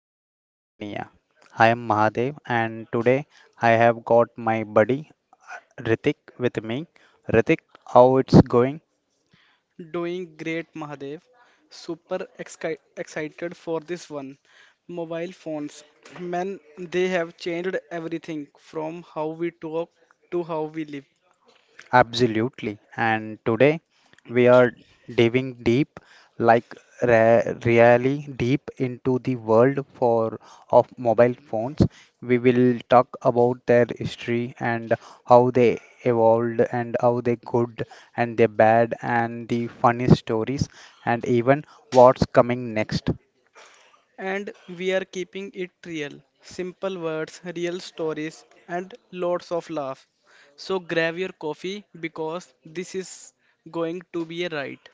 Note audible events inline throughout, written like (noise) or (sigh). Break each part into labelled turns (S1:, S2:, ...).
S1: mobile mania. I am Mahadev and today I have got my buddy Ritik with me. Ritik, how it's going?
S2: Doing great, Mahadev. Excited for this one. Mobile phones, man, they have changed everything from how we talk to how we live.
S1: Absolutely. And today we are diving deep, like really deep into the world for of mobile phones. We will talk about their history and how they evolved and how they good and they bad and the funny stories and even what's coming next.
S2: And we are keeping it real. Simple words, real stories, and lots of laugh. So grab your coffee because this is going to be a ride.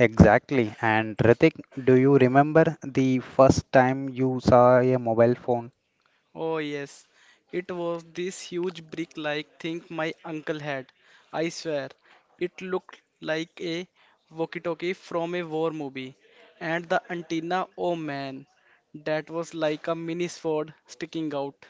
S1: Exactly. And Ritik, do you remember the first time you saw a mobile phone?
S2: Oh, yes. It was this huge brick-like thing my uncle had. I swear, it looked like a walkie-talkie from a war movie. And the antenna, oh man, that was like a mini sword sticking out.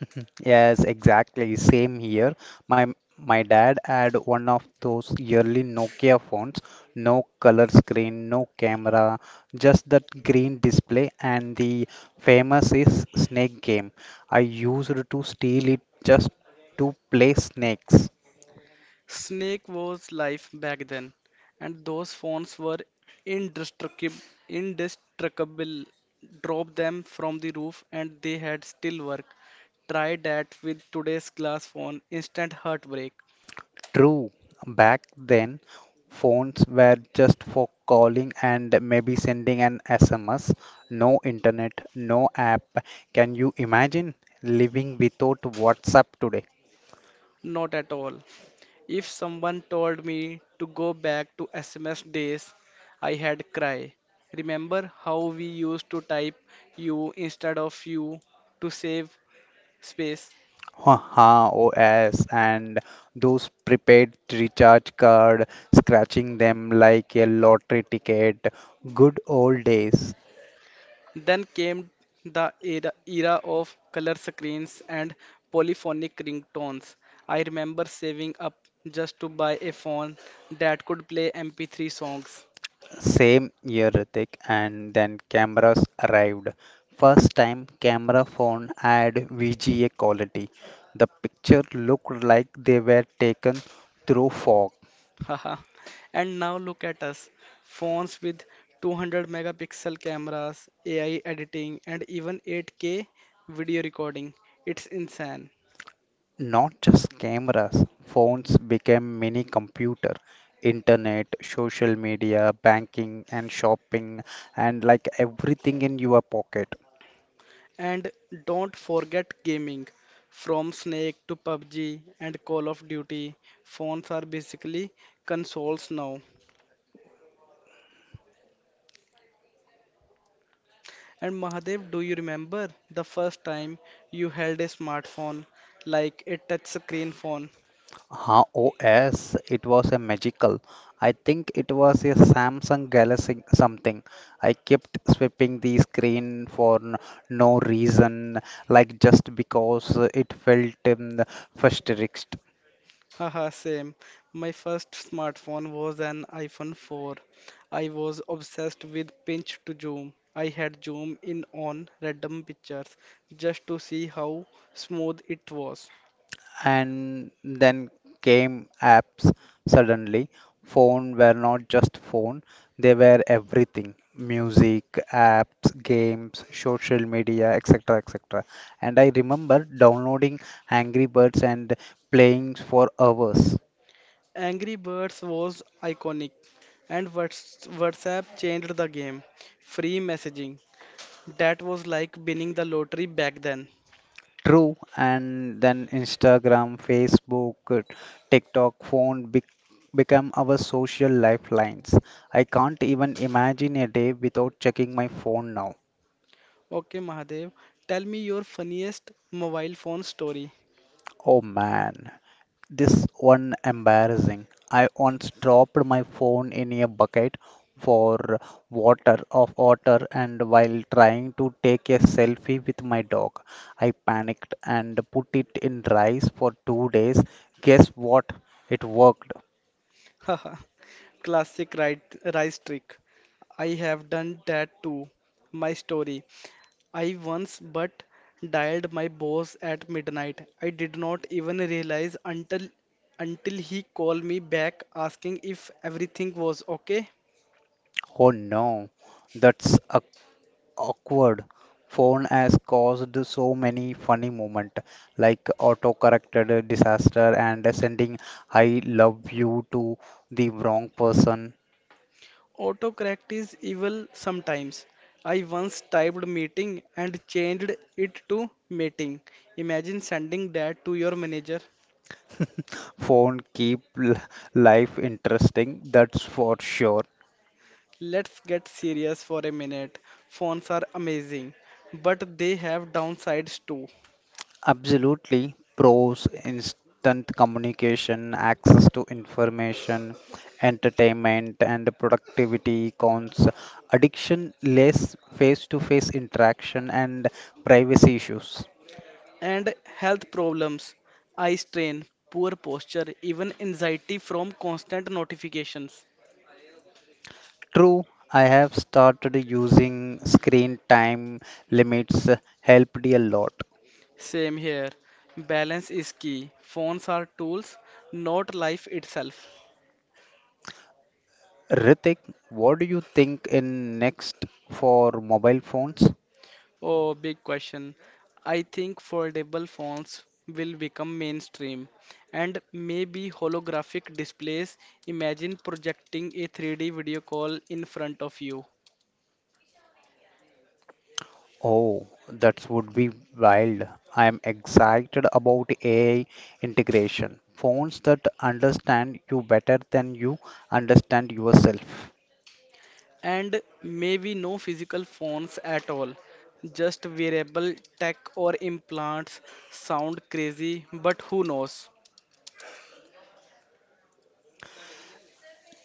S1: (laughs) Yes, exactly. Same here. My my dad had one of those yearly Nokia phones, no color screen, no camera, just that green display and the famous is snake game. I used to steal it just to play snakes.
S2: Snake was life back then, and those phones were indestructible. Indestructible. Drop them from the roof, and they had still work. Try that with today's glass phone. Instant heartbreak.
S1: True, back then phones were just for calling and maybe sending an SMS. No internet, no app. Can you imagine living without WhatsApp today?
S2: Not at all. If someone told me to go back to SMS days, I had cry. Remember how we used to type you instead of you to save space?
S1: Haha, OS and those prepaid recharge card, scratching them like a lottery ticket. Good old days.
S2: Then came the era of color screens and polyphonic ringtones. I remember saving up just to buy a phone that could play MP3 songs.
S1: Same year, Ritik, and then cameras arrived. First time camera phone had VGA quality. The picture looked like they were taken through fog.
S2: Haha. And now look at us, phones with 200 megapixel cameras, AI editing, and even 8K video recording. It's insane.
S1: Not just cameras, phones became mini computer. Internet, social media, banking and shopping and like everything in your pocket.
S2: And don't forget gaming. From Snake to PUBG and Call of Duty, phones are basically consoles now. And Mahadev, do you remember the first time you held a smartphone, like a touch screen phone?
S1: Huh, OS, it was a magical. I think it was a Samsung Galaxy something. I kept sweeping the screen for no reason, like just because it felt futuristic.
S2: Haha, same. My first smartphone was an iPhone 4. I was obsessed with pinch to zoom. I had zoom in on random pictures just to see how smooth it was.
S1: And then came apps suddenly. Phone were not just phone, they were everything. Music, apps, games, social media, etc. etc. And I remember downloading Angry Birds and playing for hours.
S2: Angry Birds was iconic, and WhatsApp changed the game. Free messaging. That was like winning the lottery back then.
S1: True, and then Instagram, Facebook, TikTok, become our social lifelines. I can't even imagine a day without checking my phone now.
S2: Okay, Mahadev, tell me your funniest mobile phone story.
S1: Oh man. This one embarrassing. I once dropped my phone in a bucket for water of water and while trying to take a selfie with my dog, I panicked and put it in rice for 2 days. Guess what? It worked.
S2: (laughs) Classic right, rice trick. I have done that too. My story. I once but dialed my boss at midnight. I did not even realize until he called me back asking if everything was okay.
S1: Oh no. That's a awkward phone has caused so many funny moment like auto corrected disaster and sending I love you to the wrong person
S2: Autocorrect is evil sometimes. I once typed meeting and changed it to mating. Imagine sending that to your manager.
S1: phone keep l- life interesting that's for sure
S2: Let's get serious for a minute. Phones are amazing, but they have downsides too.
S1: absolutely pros instant communication access to information entertainment and productivity cons addiction less face to face interaction and privacy issues.
S2: And health problems, eye strain, poor posture, even anxiety from constant notifications.
S1: True, I have started using screen time limits helped a lot.
S2: Same here. Balance is key. Phones are tools, not life itself.
S1: Ritik, what do you think in next for mobile phones?
S2: Oh, big question. I think foldable phones will become mainstream and maybe holographic displays. Imagine projecting a 3D video call in front of you.
S1: Oh, that would be wild. I am excited about AI integration. Phones that understand you better than you understand yourself.
S2: And maybe no physical phones at all, just wearable tech or implants. Sound crazy, but who knows?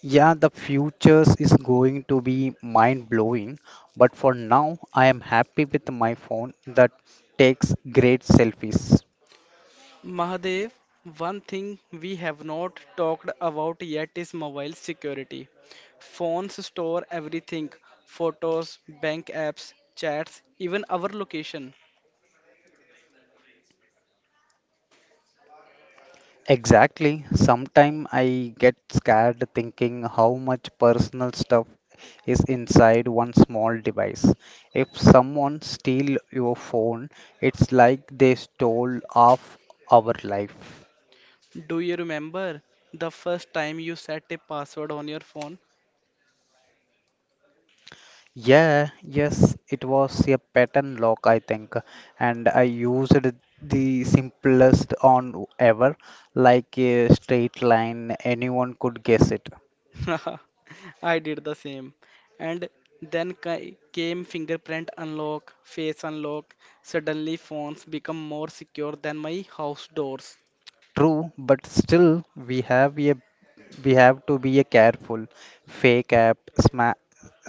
S1: Yeah, the futures is going to be mind blowing, but for now, I am happy with my phone that takes great selfies.
S2: Mahadev, one thing we have not talked about yet is mobile security. Phones store everything photos, bank apps, chats, even our location.
S1: Exactly. Sometimes I get scared thinking how much personal stuff is inside one small device. If someone steal your phone, it's like they stole half our life.
S2: Do you remember the first time you set a password on your phone?
S1: Yeah, yes, it was a pattern lock, I think, and I used the simplest on ever, like a straight line, anyone could guess it.
S2: (laughs) I did the same. And then came fingerprint unlock, face unlock. Suddenly, phones become more secure than my house doors.
S1: True, but still we have a we have to be a careful. Fake app, sma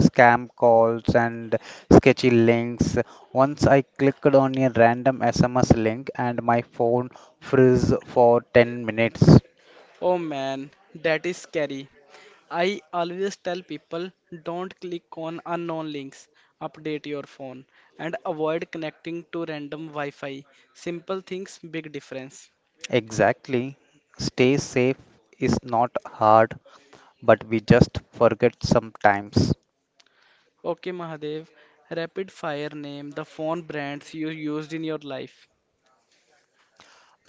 S1: scam calls and sketchy links. Once I clicked on a random SMS link and my phone froze for 10 minutes.
S2: Oh man, that is scary. I always tell people don't click on unknown links, update your phone, and avoid connecting to random Wi Fi. Simple things, big difference.
S1: Exactly. Stay safe is not hard, but we just forget sometimes.
S2: Okay, Mahadev, rapid fire name the phone brands you used in your life.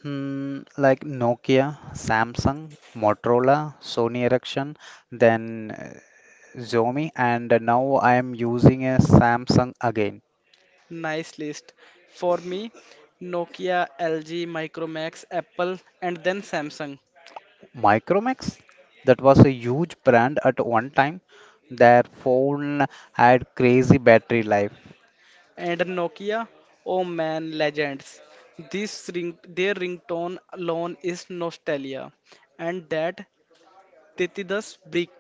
S1: Hmm, like Nokia, Samsung, Motorola, Sony Ericsson, then Xiaomi, and now I am using a Samsung again.
S2: Nice list. For me, Nokia, LG, Micromax, Apple, and then Samsung.
S1: Micromax, that was a huge brand at one time. Their phone had crazy battery life.
S2: And Nokia, oh man, legends. Their ringtone alone is nostalgia, and that Titidas brick.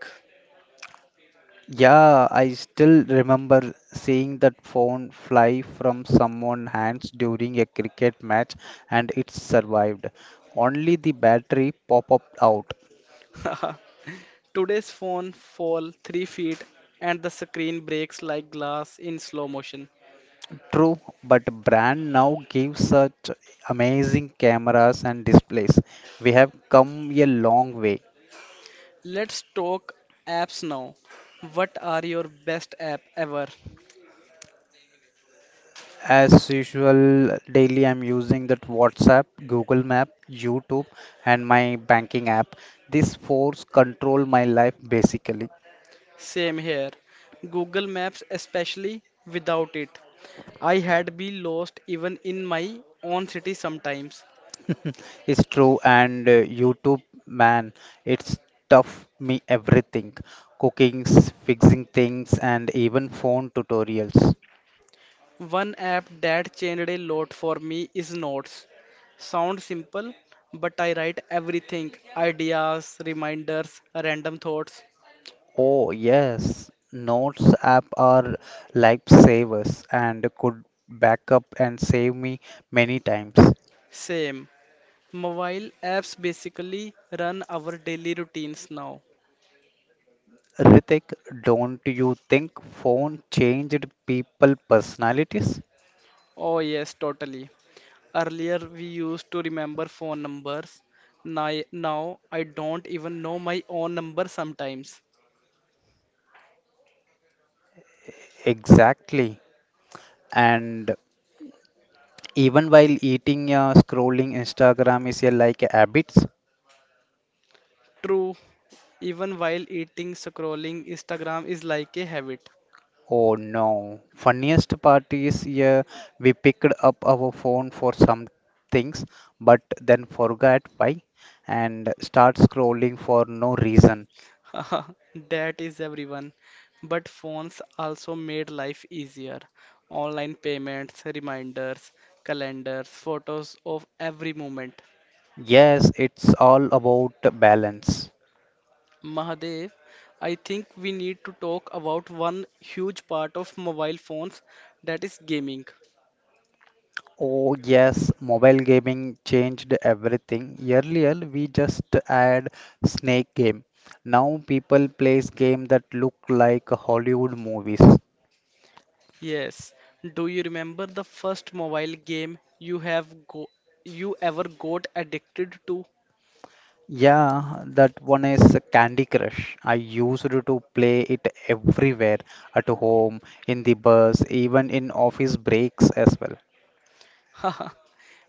S1: Yeah, I still remember seeing that phone fly from someone's hands during a cricket match and it survived. Only the battery pop up out.
S2: (laughs) Today's phone fall 3 feet and the screen breaks like glass in slow motion.
S1: True, but brand now gives such amazing cameras and displays. We have come a long way.
S2: Let's talk apps now. What are your best app ever?
S1: As usual, daily I'm using that WhatsApp, Google Map, YouTube, and my banking app. These fours control my life basically.
S2: Same here. Google Maps especially without it. I had be lost even in my own city sometimes.
S1: It's true, and YouTube, man, it's tough me everything. Cookings, fixing things, and even phone tutorials.
S2: One app that changed a lot for me is Notes. Sounds simple, but I write everything ideas, reminders, random thoughts.
S1: Oh, yes, notes app are lifesavers and could back up and save me many times.
S2: Same. Mobile apps basically run our daily routines now.
S1: Ritik, don't you think phone changed people personalities?
S2: Oh, yes, totally. Earlier, we used to remember phone numbers. Now, I don't even know my own number sometimes.
S1: Exactly. And even while eating, scrolling Instagram is a like habits.
S2: True, even while eating, scrolling Instagram is like a habit.
S1: Oh no. Funniest part is yeah, we picked up our phone for some things, but then forgot why and start scrolling for no reason.
S2: (laughs) That is everyone. But phones also made life easier. Online payments, reminders, calendars, photos of every moment.
S1: Yes, it's all about balance.
S2: Mahadev, I think we need to talk about one huge part of mobile phones that is gaming.
S1: Oh yes, mobile gaming changed everything. Earlier we just had snake game. Now people plays game that look like Hollywood movies.
S2: Yes, do you remember the first mobile game you have go you ever got addicted to?
S1: Yeah, that one is Candy Crush. I used to play it everywhere, at home, in the bus, even in office breaks as well.
S2: (laughs)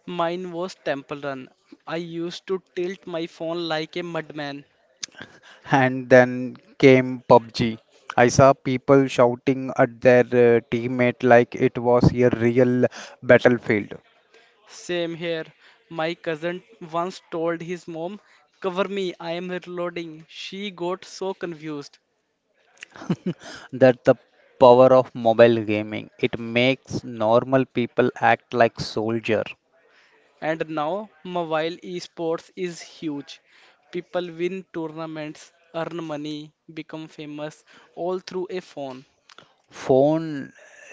S2: Mine was Temple Run. I used to tilt my phone like a madman.
S1: And then came PUBG. I saw people shouting at their teammate like it was a real battlefield.
S2: Same here. My cousin once told his mom, Cover me, I am reloading. She got so confused.
S1: That the power of mobile gaming. It makes normal people act like soldier.
S2: And now, mobile esports is huge. People win tournaments, earn money, become famous, all through a phone.
S1: Phone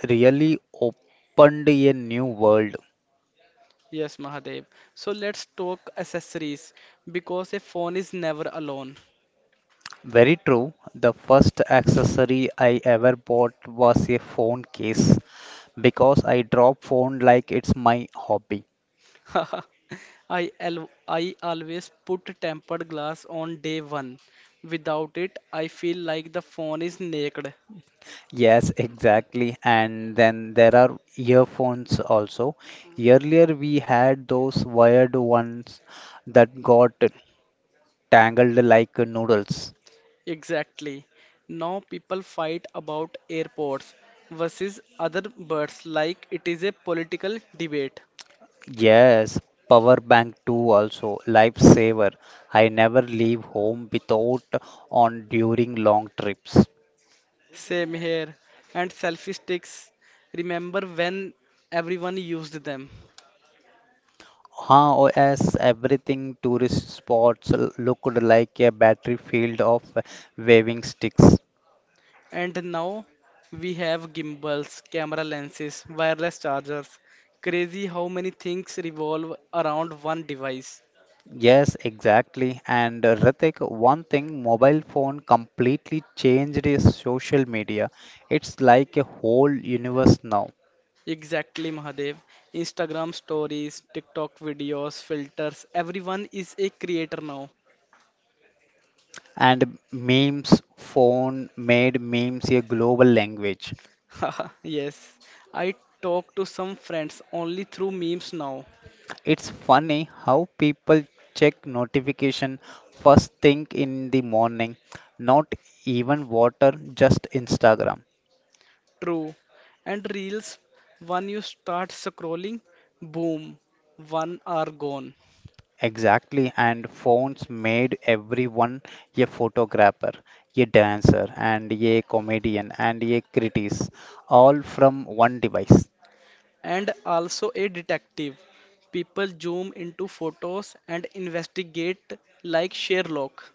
S1: really opened a new world.
S2: Yes, Mahadev. So let's talk accessories because a phone is never alone.
S1: Very true. The first accessory I ever bought was a phone case because I drop phone like it's my hobby.
S2: (laughs) I always put tempered glass on day one. Without it, I feel like the phone is naked.
S1: Yes, exactly. And then there are earphones also. Earlier we had those wired ones that got tangled like noodles.
S2: Exactly. Now people fight about airports versus other birds like it is a political debate.
S1: Yes, power bank too also, lifesaver. I never leave home without on during long trips.
S2: Same here. And selfie sticks. Remember when everyone used them?
S1: Huh, oh yes, everything tourist spots looked like a battlefield of waving sticks.
S2: And now we have gimbals, camera lenses, wireless chargers. Crazy how many things revolve around one device.
S1: Yes, exactly. And Ritik, one thing, mobile phone completely changed is social media. It's like a whole universe now.
S2: Exactly, Mahadev. Instagram stories, TikTok videos, filters, everyone is a creator now.
S1: And memes, phone made memes a global language.
S2: (laughs) yes, I talk to some friends only through memes now.
S1: It's funny how people check notification first thing in the morning, not even water, just Instagram.
S2: True. And reels, when you start scrolling, boom, one are gone.
S1: Exactly, and phones made everyone a photographer, a dancer, and a comedian, and a critic, all from one device.
S2: And also a detective. People zoom into photos and investigate like Sherlock.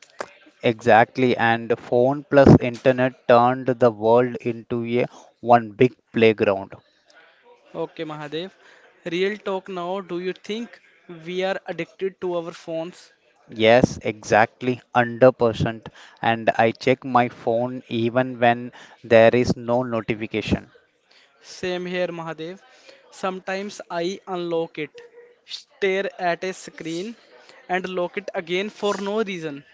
S1: Exactly, and phone plus internet turned the world into a one big playground.
S2: Okay, Mahadev. Real talk now, do you think we are addicted to our phones?
S1: Yes, exactly, 100%. And I check my phone even when there is no notification.
S2: Same here, Mahadev. Sometimes I unlock it, stare at a screen, and lock it again for no reason.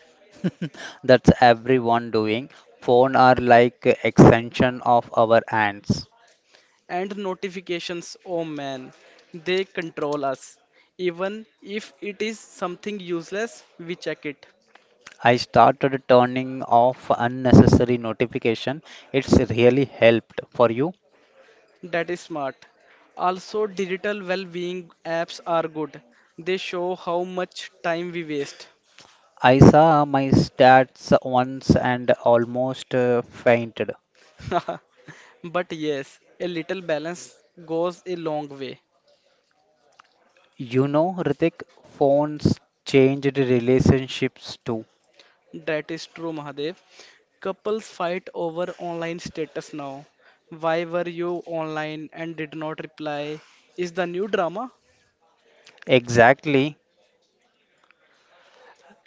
S1: (laughs) That's everyone doing. Phone are like extension of our hands.
S2: And notifications, oh man, they control us. Even if it is something useless, we check it.
S1: I started turning off unnecessary notification. It's really helped for you.
S2: That is smart. Also, digital well being apps are good. They show how much time we waste.
S1: I saw my stats once and almost fainted.
S2: (laughs) But yes, a little balance goes a long way.
S1: You know, Ritik, phones changed relationships too.
S2: That is true, Mahadev. Couples fight over online status now. Why were you online and did not reply? Is the new drama?
S1: Exactly.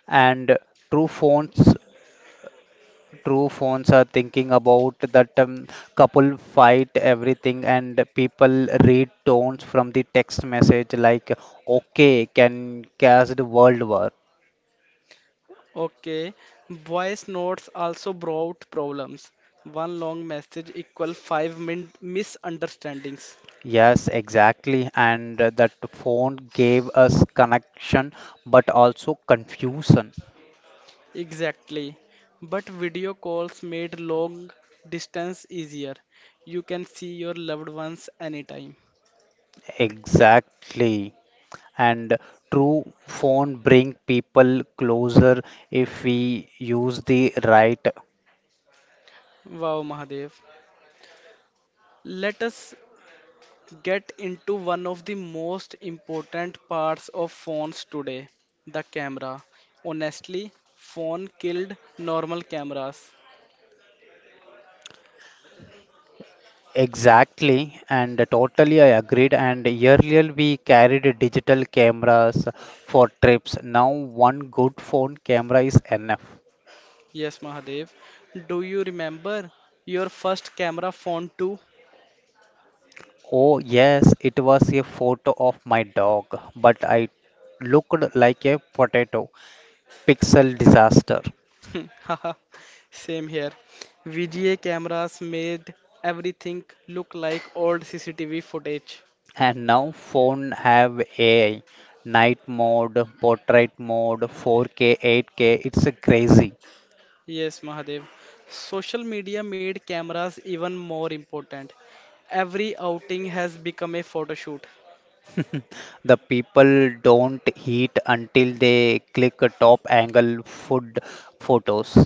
S1: And true phones true phones are thinking about that couple fight everything and people read tones from the text message like okay can cast world war.
S2: Okay, voice notes also brought problems. One long message equal five min misunderstandings.
S1: Yes exactly and that phone gave us connection but also confusion.
S2: Exactly. But video calls made long distance easier. You can see your loved ones anytime.
S1: Exactly and true phone bring people closer if we use the right.
S2: Wow, Mahadev. Let us get into one of the most important parts of phones today, the camera. Honestly, phone killed normal cameras.
S1: Exactly, and totally I agreed. And earlier we carried digital cameras for trips. Now one good phone camera is enough.
S2: Yes, Mahadev. Do you remember your first camera phone too?
S1: Oh, yes, it was a photo of my dog, but I looked like a potato. Pixel disaster.
S2: (laughs) Same here. VGA cameras made everything look like old CCTV footage.
S1: And now phone have AI, night mode, portrait mode, 4K, 8K. It's a crazy.
S2: Yes, Mahadev. Social media made cameras even more important. Every outing has become a photo shoot.
S1: The people don't heat until they click a top angle food photos.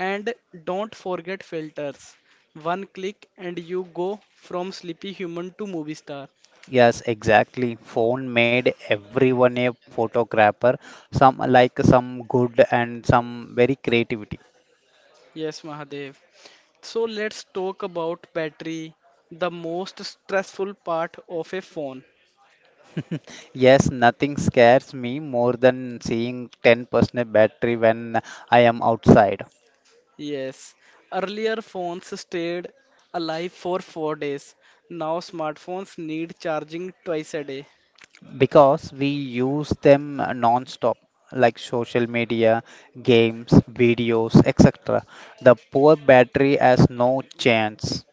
S2: And don't forget filters. One click and you go from sleepy human to movie star.
S1: Yes, exactly. Phone made everyone a photographer. Some like some good and some very creativity.
S2: Yes, Mahadev. So let's talk about battery, the most stressful part of a phone.
S1: (laughs) Yes, nothing scares me more than seeing 10% battery when I am outside.
S2: Yes, earlier phones stayed alive for 4 days. Now smartphones need charging twice a day.
S1: Because we use them non-stop like social media games videos etc the poor battery has no chance.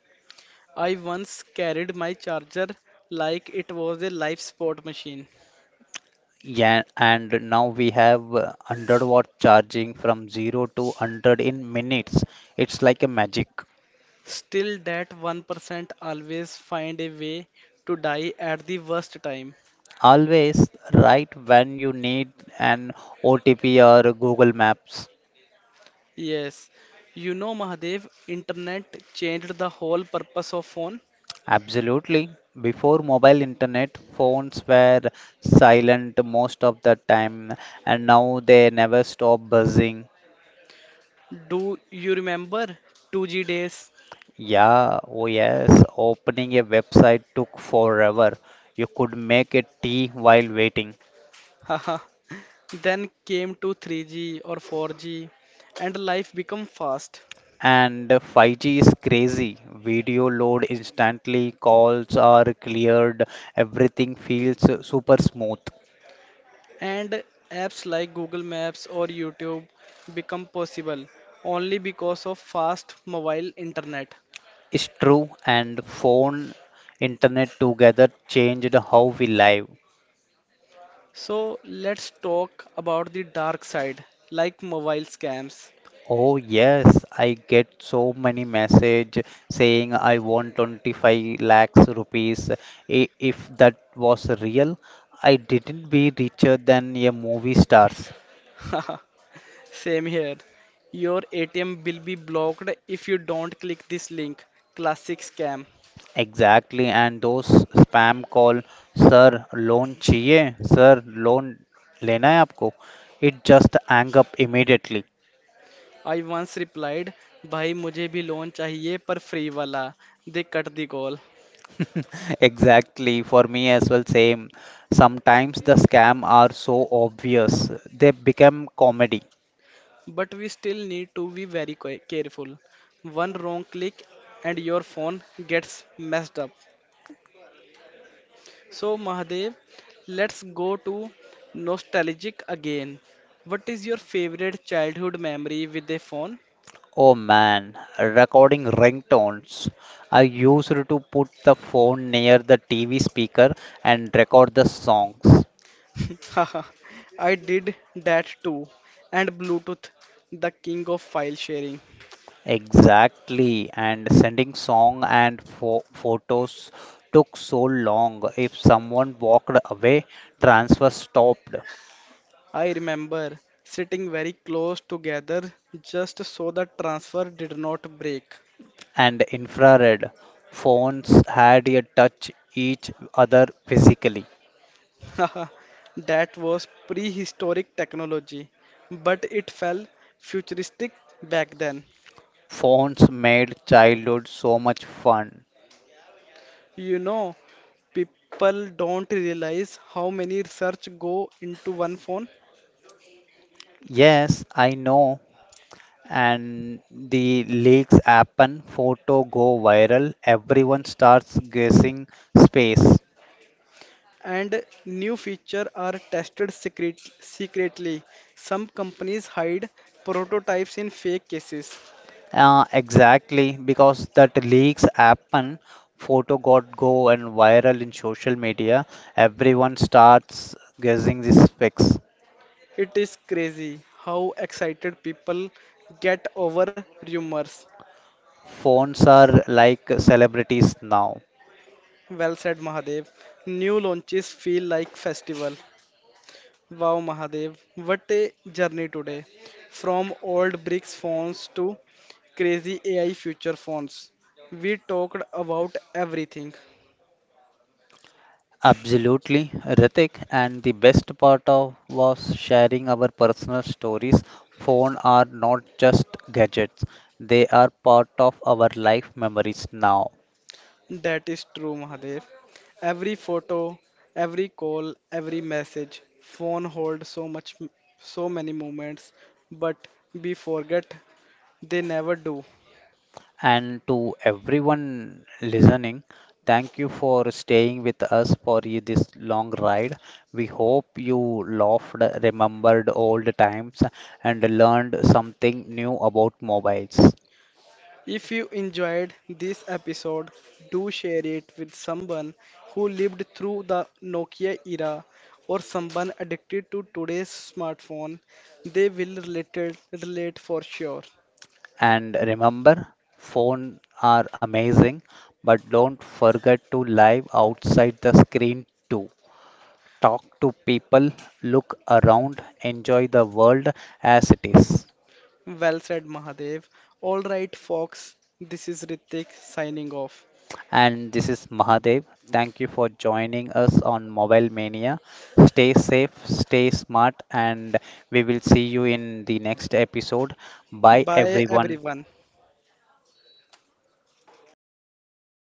S2: I once carried my charger like it was a life support machine.
S1: Yeah and now we have 100-watt charging from 0 to 100 in minutes it's like a magic
S2: Still, that 1% always find a way to die at the worst time.
S1: always right when you need an otp or google maps.
S2: Yes, you know, Mahadev, internet changed the whole purpose of phone.
S1: Absolutely. Before mobile internet, phones were silent most of the time, and now they never stop buzzing.
S2: Do you remember 2G days?
S1: Yeah, oh yes, opening a website took forever. You could make a tea while waiting.
S2: (laughs) Then came to 3G or 4G, and life become fast,
S1: And 5G is crazy. Video load instantly, calls are cleared, everything feels super smooth.
S2: and apps like Google Maps or YouTube become possible only because of fast mobile internet.
S1: It's true, and phone internet together changed how we live.
S2: So let's talk about the dark side, like mobile scams.
S1: Oh yes, I get so many message saying I want 25 lakhs rupees. If that was real, I didn't be richer than a movie stars.
S2: (laughs) Same here. Your ATM will be blocked if you don't click this link. Classic scam.
S1: Exactly, and those spam call, sir, loan चाहिए, sir, loan लेना है आपको. It just hang up immediately.
S2: I once replied, भाई मुझे भी loan चाहिए पर free वाला दे कट दी call
S1: (laughs) Exactly, for me as well, same. Sometimes the scam are so obvious, they become comedy.
S2: But we still need to be very careful. One wrong click and your phone gets messed up. So, Mahadev, let's go to nostalgic again. What is your favorite childhood memory with a phone?
S1: Oh man, recording ringtones. I used to put the phone near the TV speaker and record the songs.
S2: (laughs) Haha, I did that too. And Bluetooth, the king of file sharing.
S1: Exactly, and sending song and photos took so long. If someone walked away, transfer stopped,
S2: I remember sitting very close together just so the transfer did not break.
S1: and infrared phones had a touch each other physically.
S2: (laughs) That was prehistoric technology, but it felt futuristic back then.
S1: Phones made childhood so much fun.
S2: You know, people don't realize how many research go into one phone
S1: Yes, I know. And the leaks happen, photo go viral, everyone starts guessing space.
S2: and new feature are tested secretly. Some companies hide prototypes in fake cases.
S1: Exactly, because that leaks happen, photo got go and viral in social media, everyone starts guessing the specs.
S2: It is crazy how excited people get over rumors.
S1: Phones are like celebrities now.
S2: Well said, Mahadev. New launches feel like festival. Wow, Mahadev, what a journey today. From old bricks phones to crazy AI future phones. We talked about everything.
S1: Absolutely, Ritik. And the best part of was sharing our personal stories. Phone are not just gadgets; they are part of our life memories now.
S2: That is true, Mahadev. Every photo, every call, every message. Phone holds so many moments, but we forget they never do.
S1: And to everyone listening, thank you for staying with us for this long ride. We hope you laughed, remembered old times, and learned something new about mobiles.
S2: If you enjoyed this episode, do share it with someone who lived through the Nokia era or someone addicted to today's smartphone. They will relate, relate for sure.
S1: And remember, phones are amazing, but don't forget to live outside the screen too. Talk to people, look around, enjoy the world as it is.
S2: Well said, Mahadev. All right, folks, this is Ritik signing off.
S1: And this is Mahadev. Thank you for joining us on Mobile Mania. Stay safe, stay smart, and we will see you in the next episode. Bye,
S2: Bye,
S1: everyone.
S2: everyone.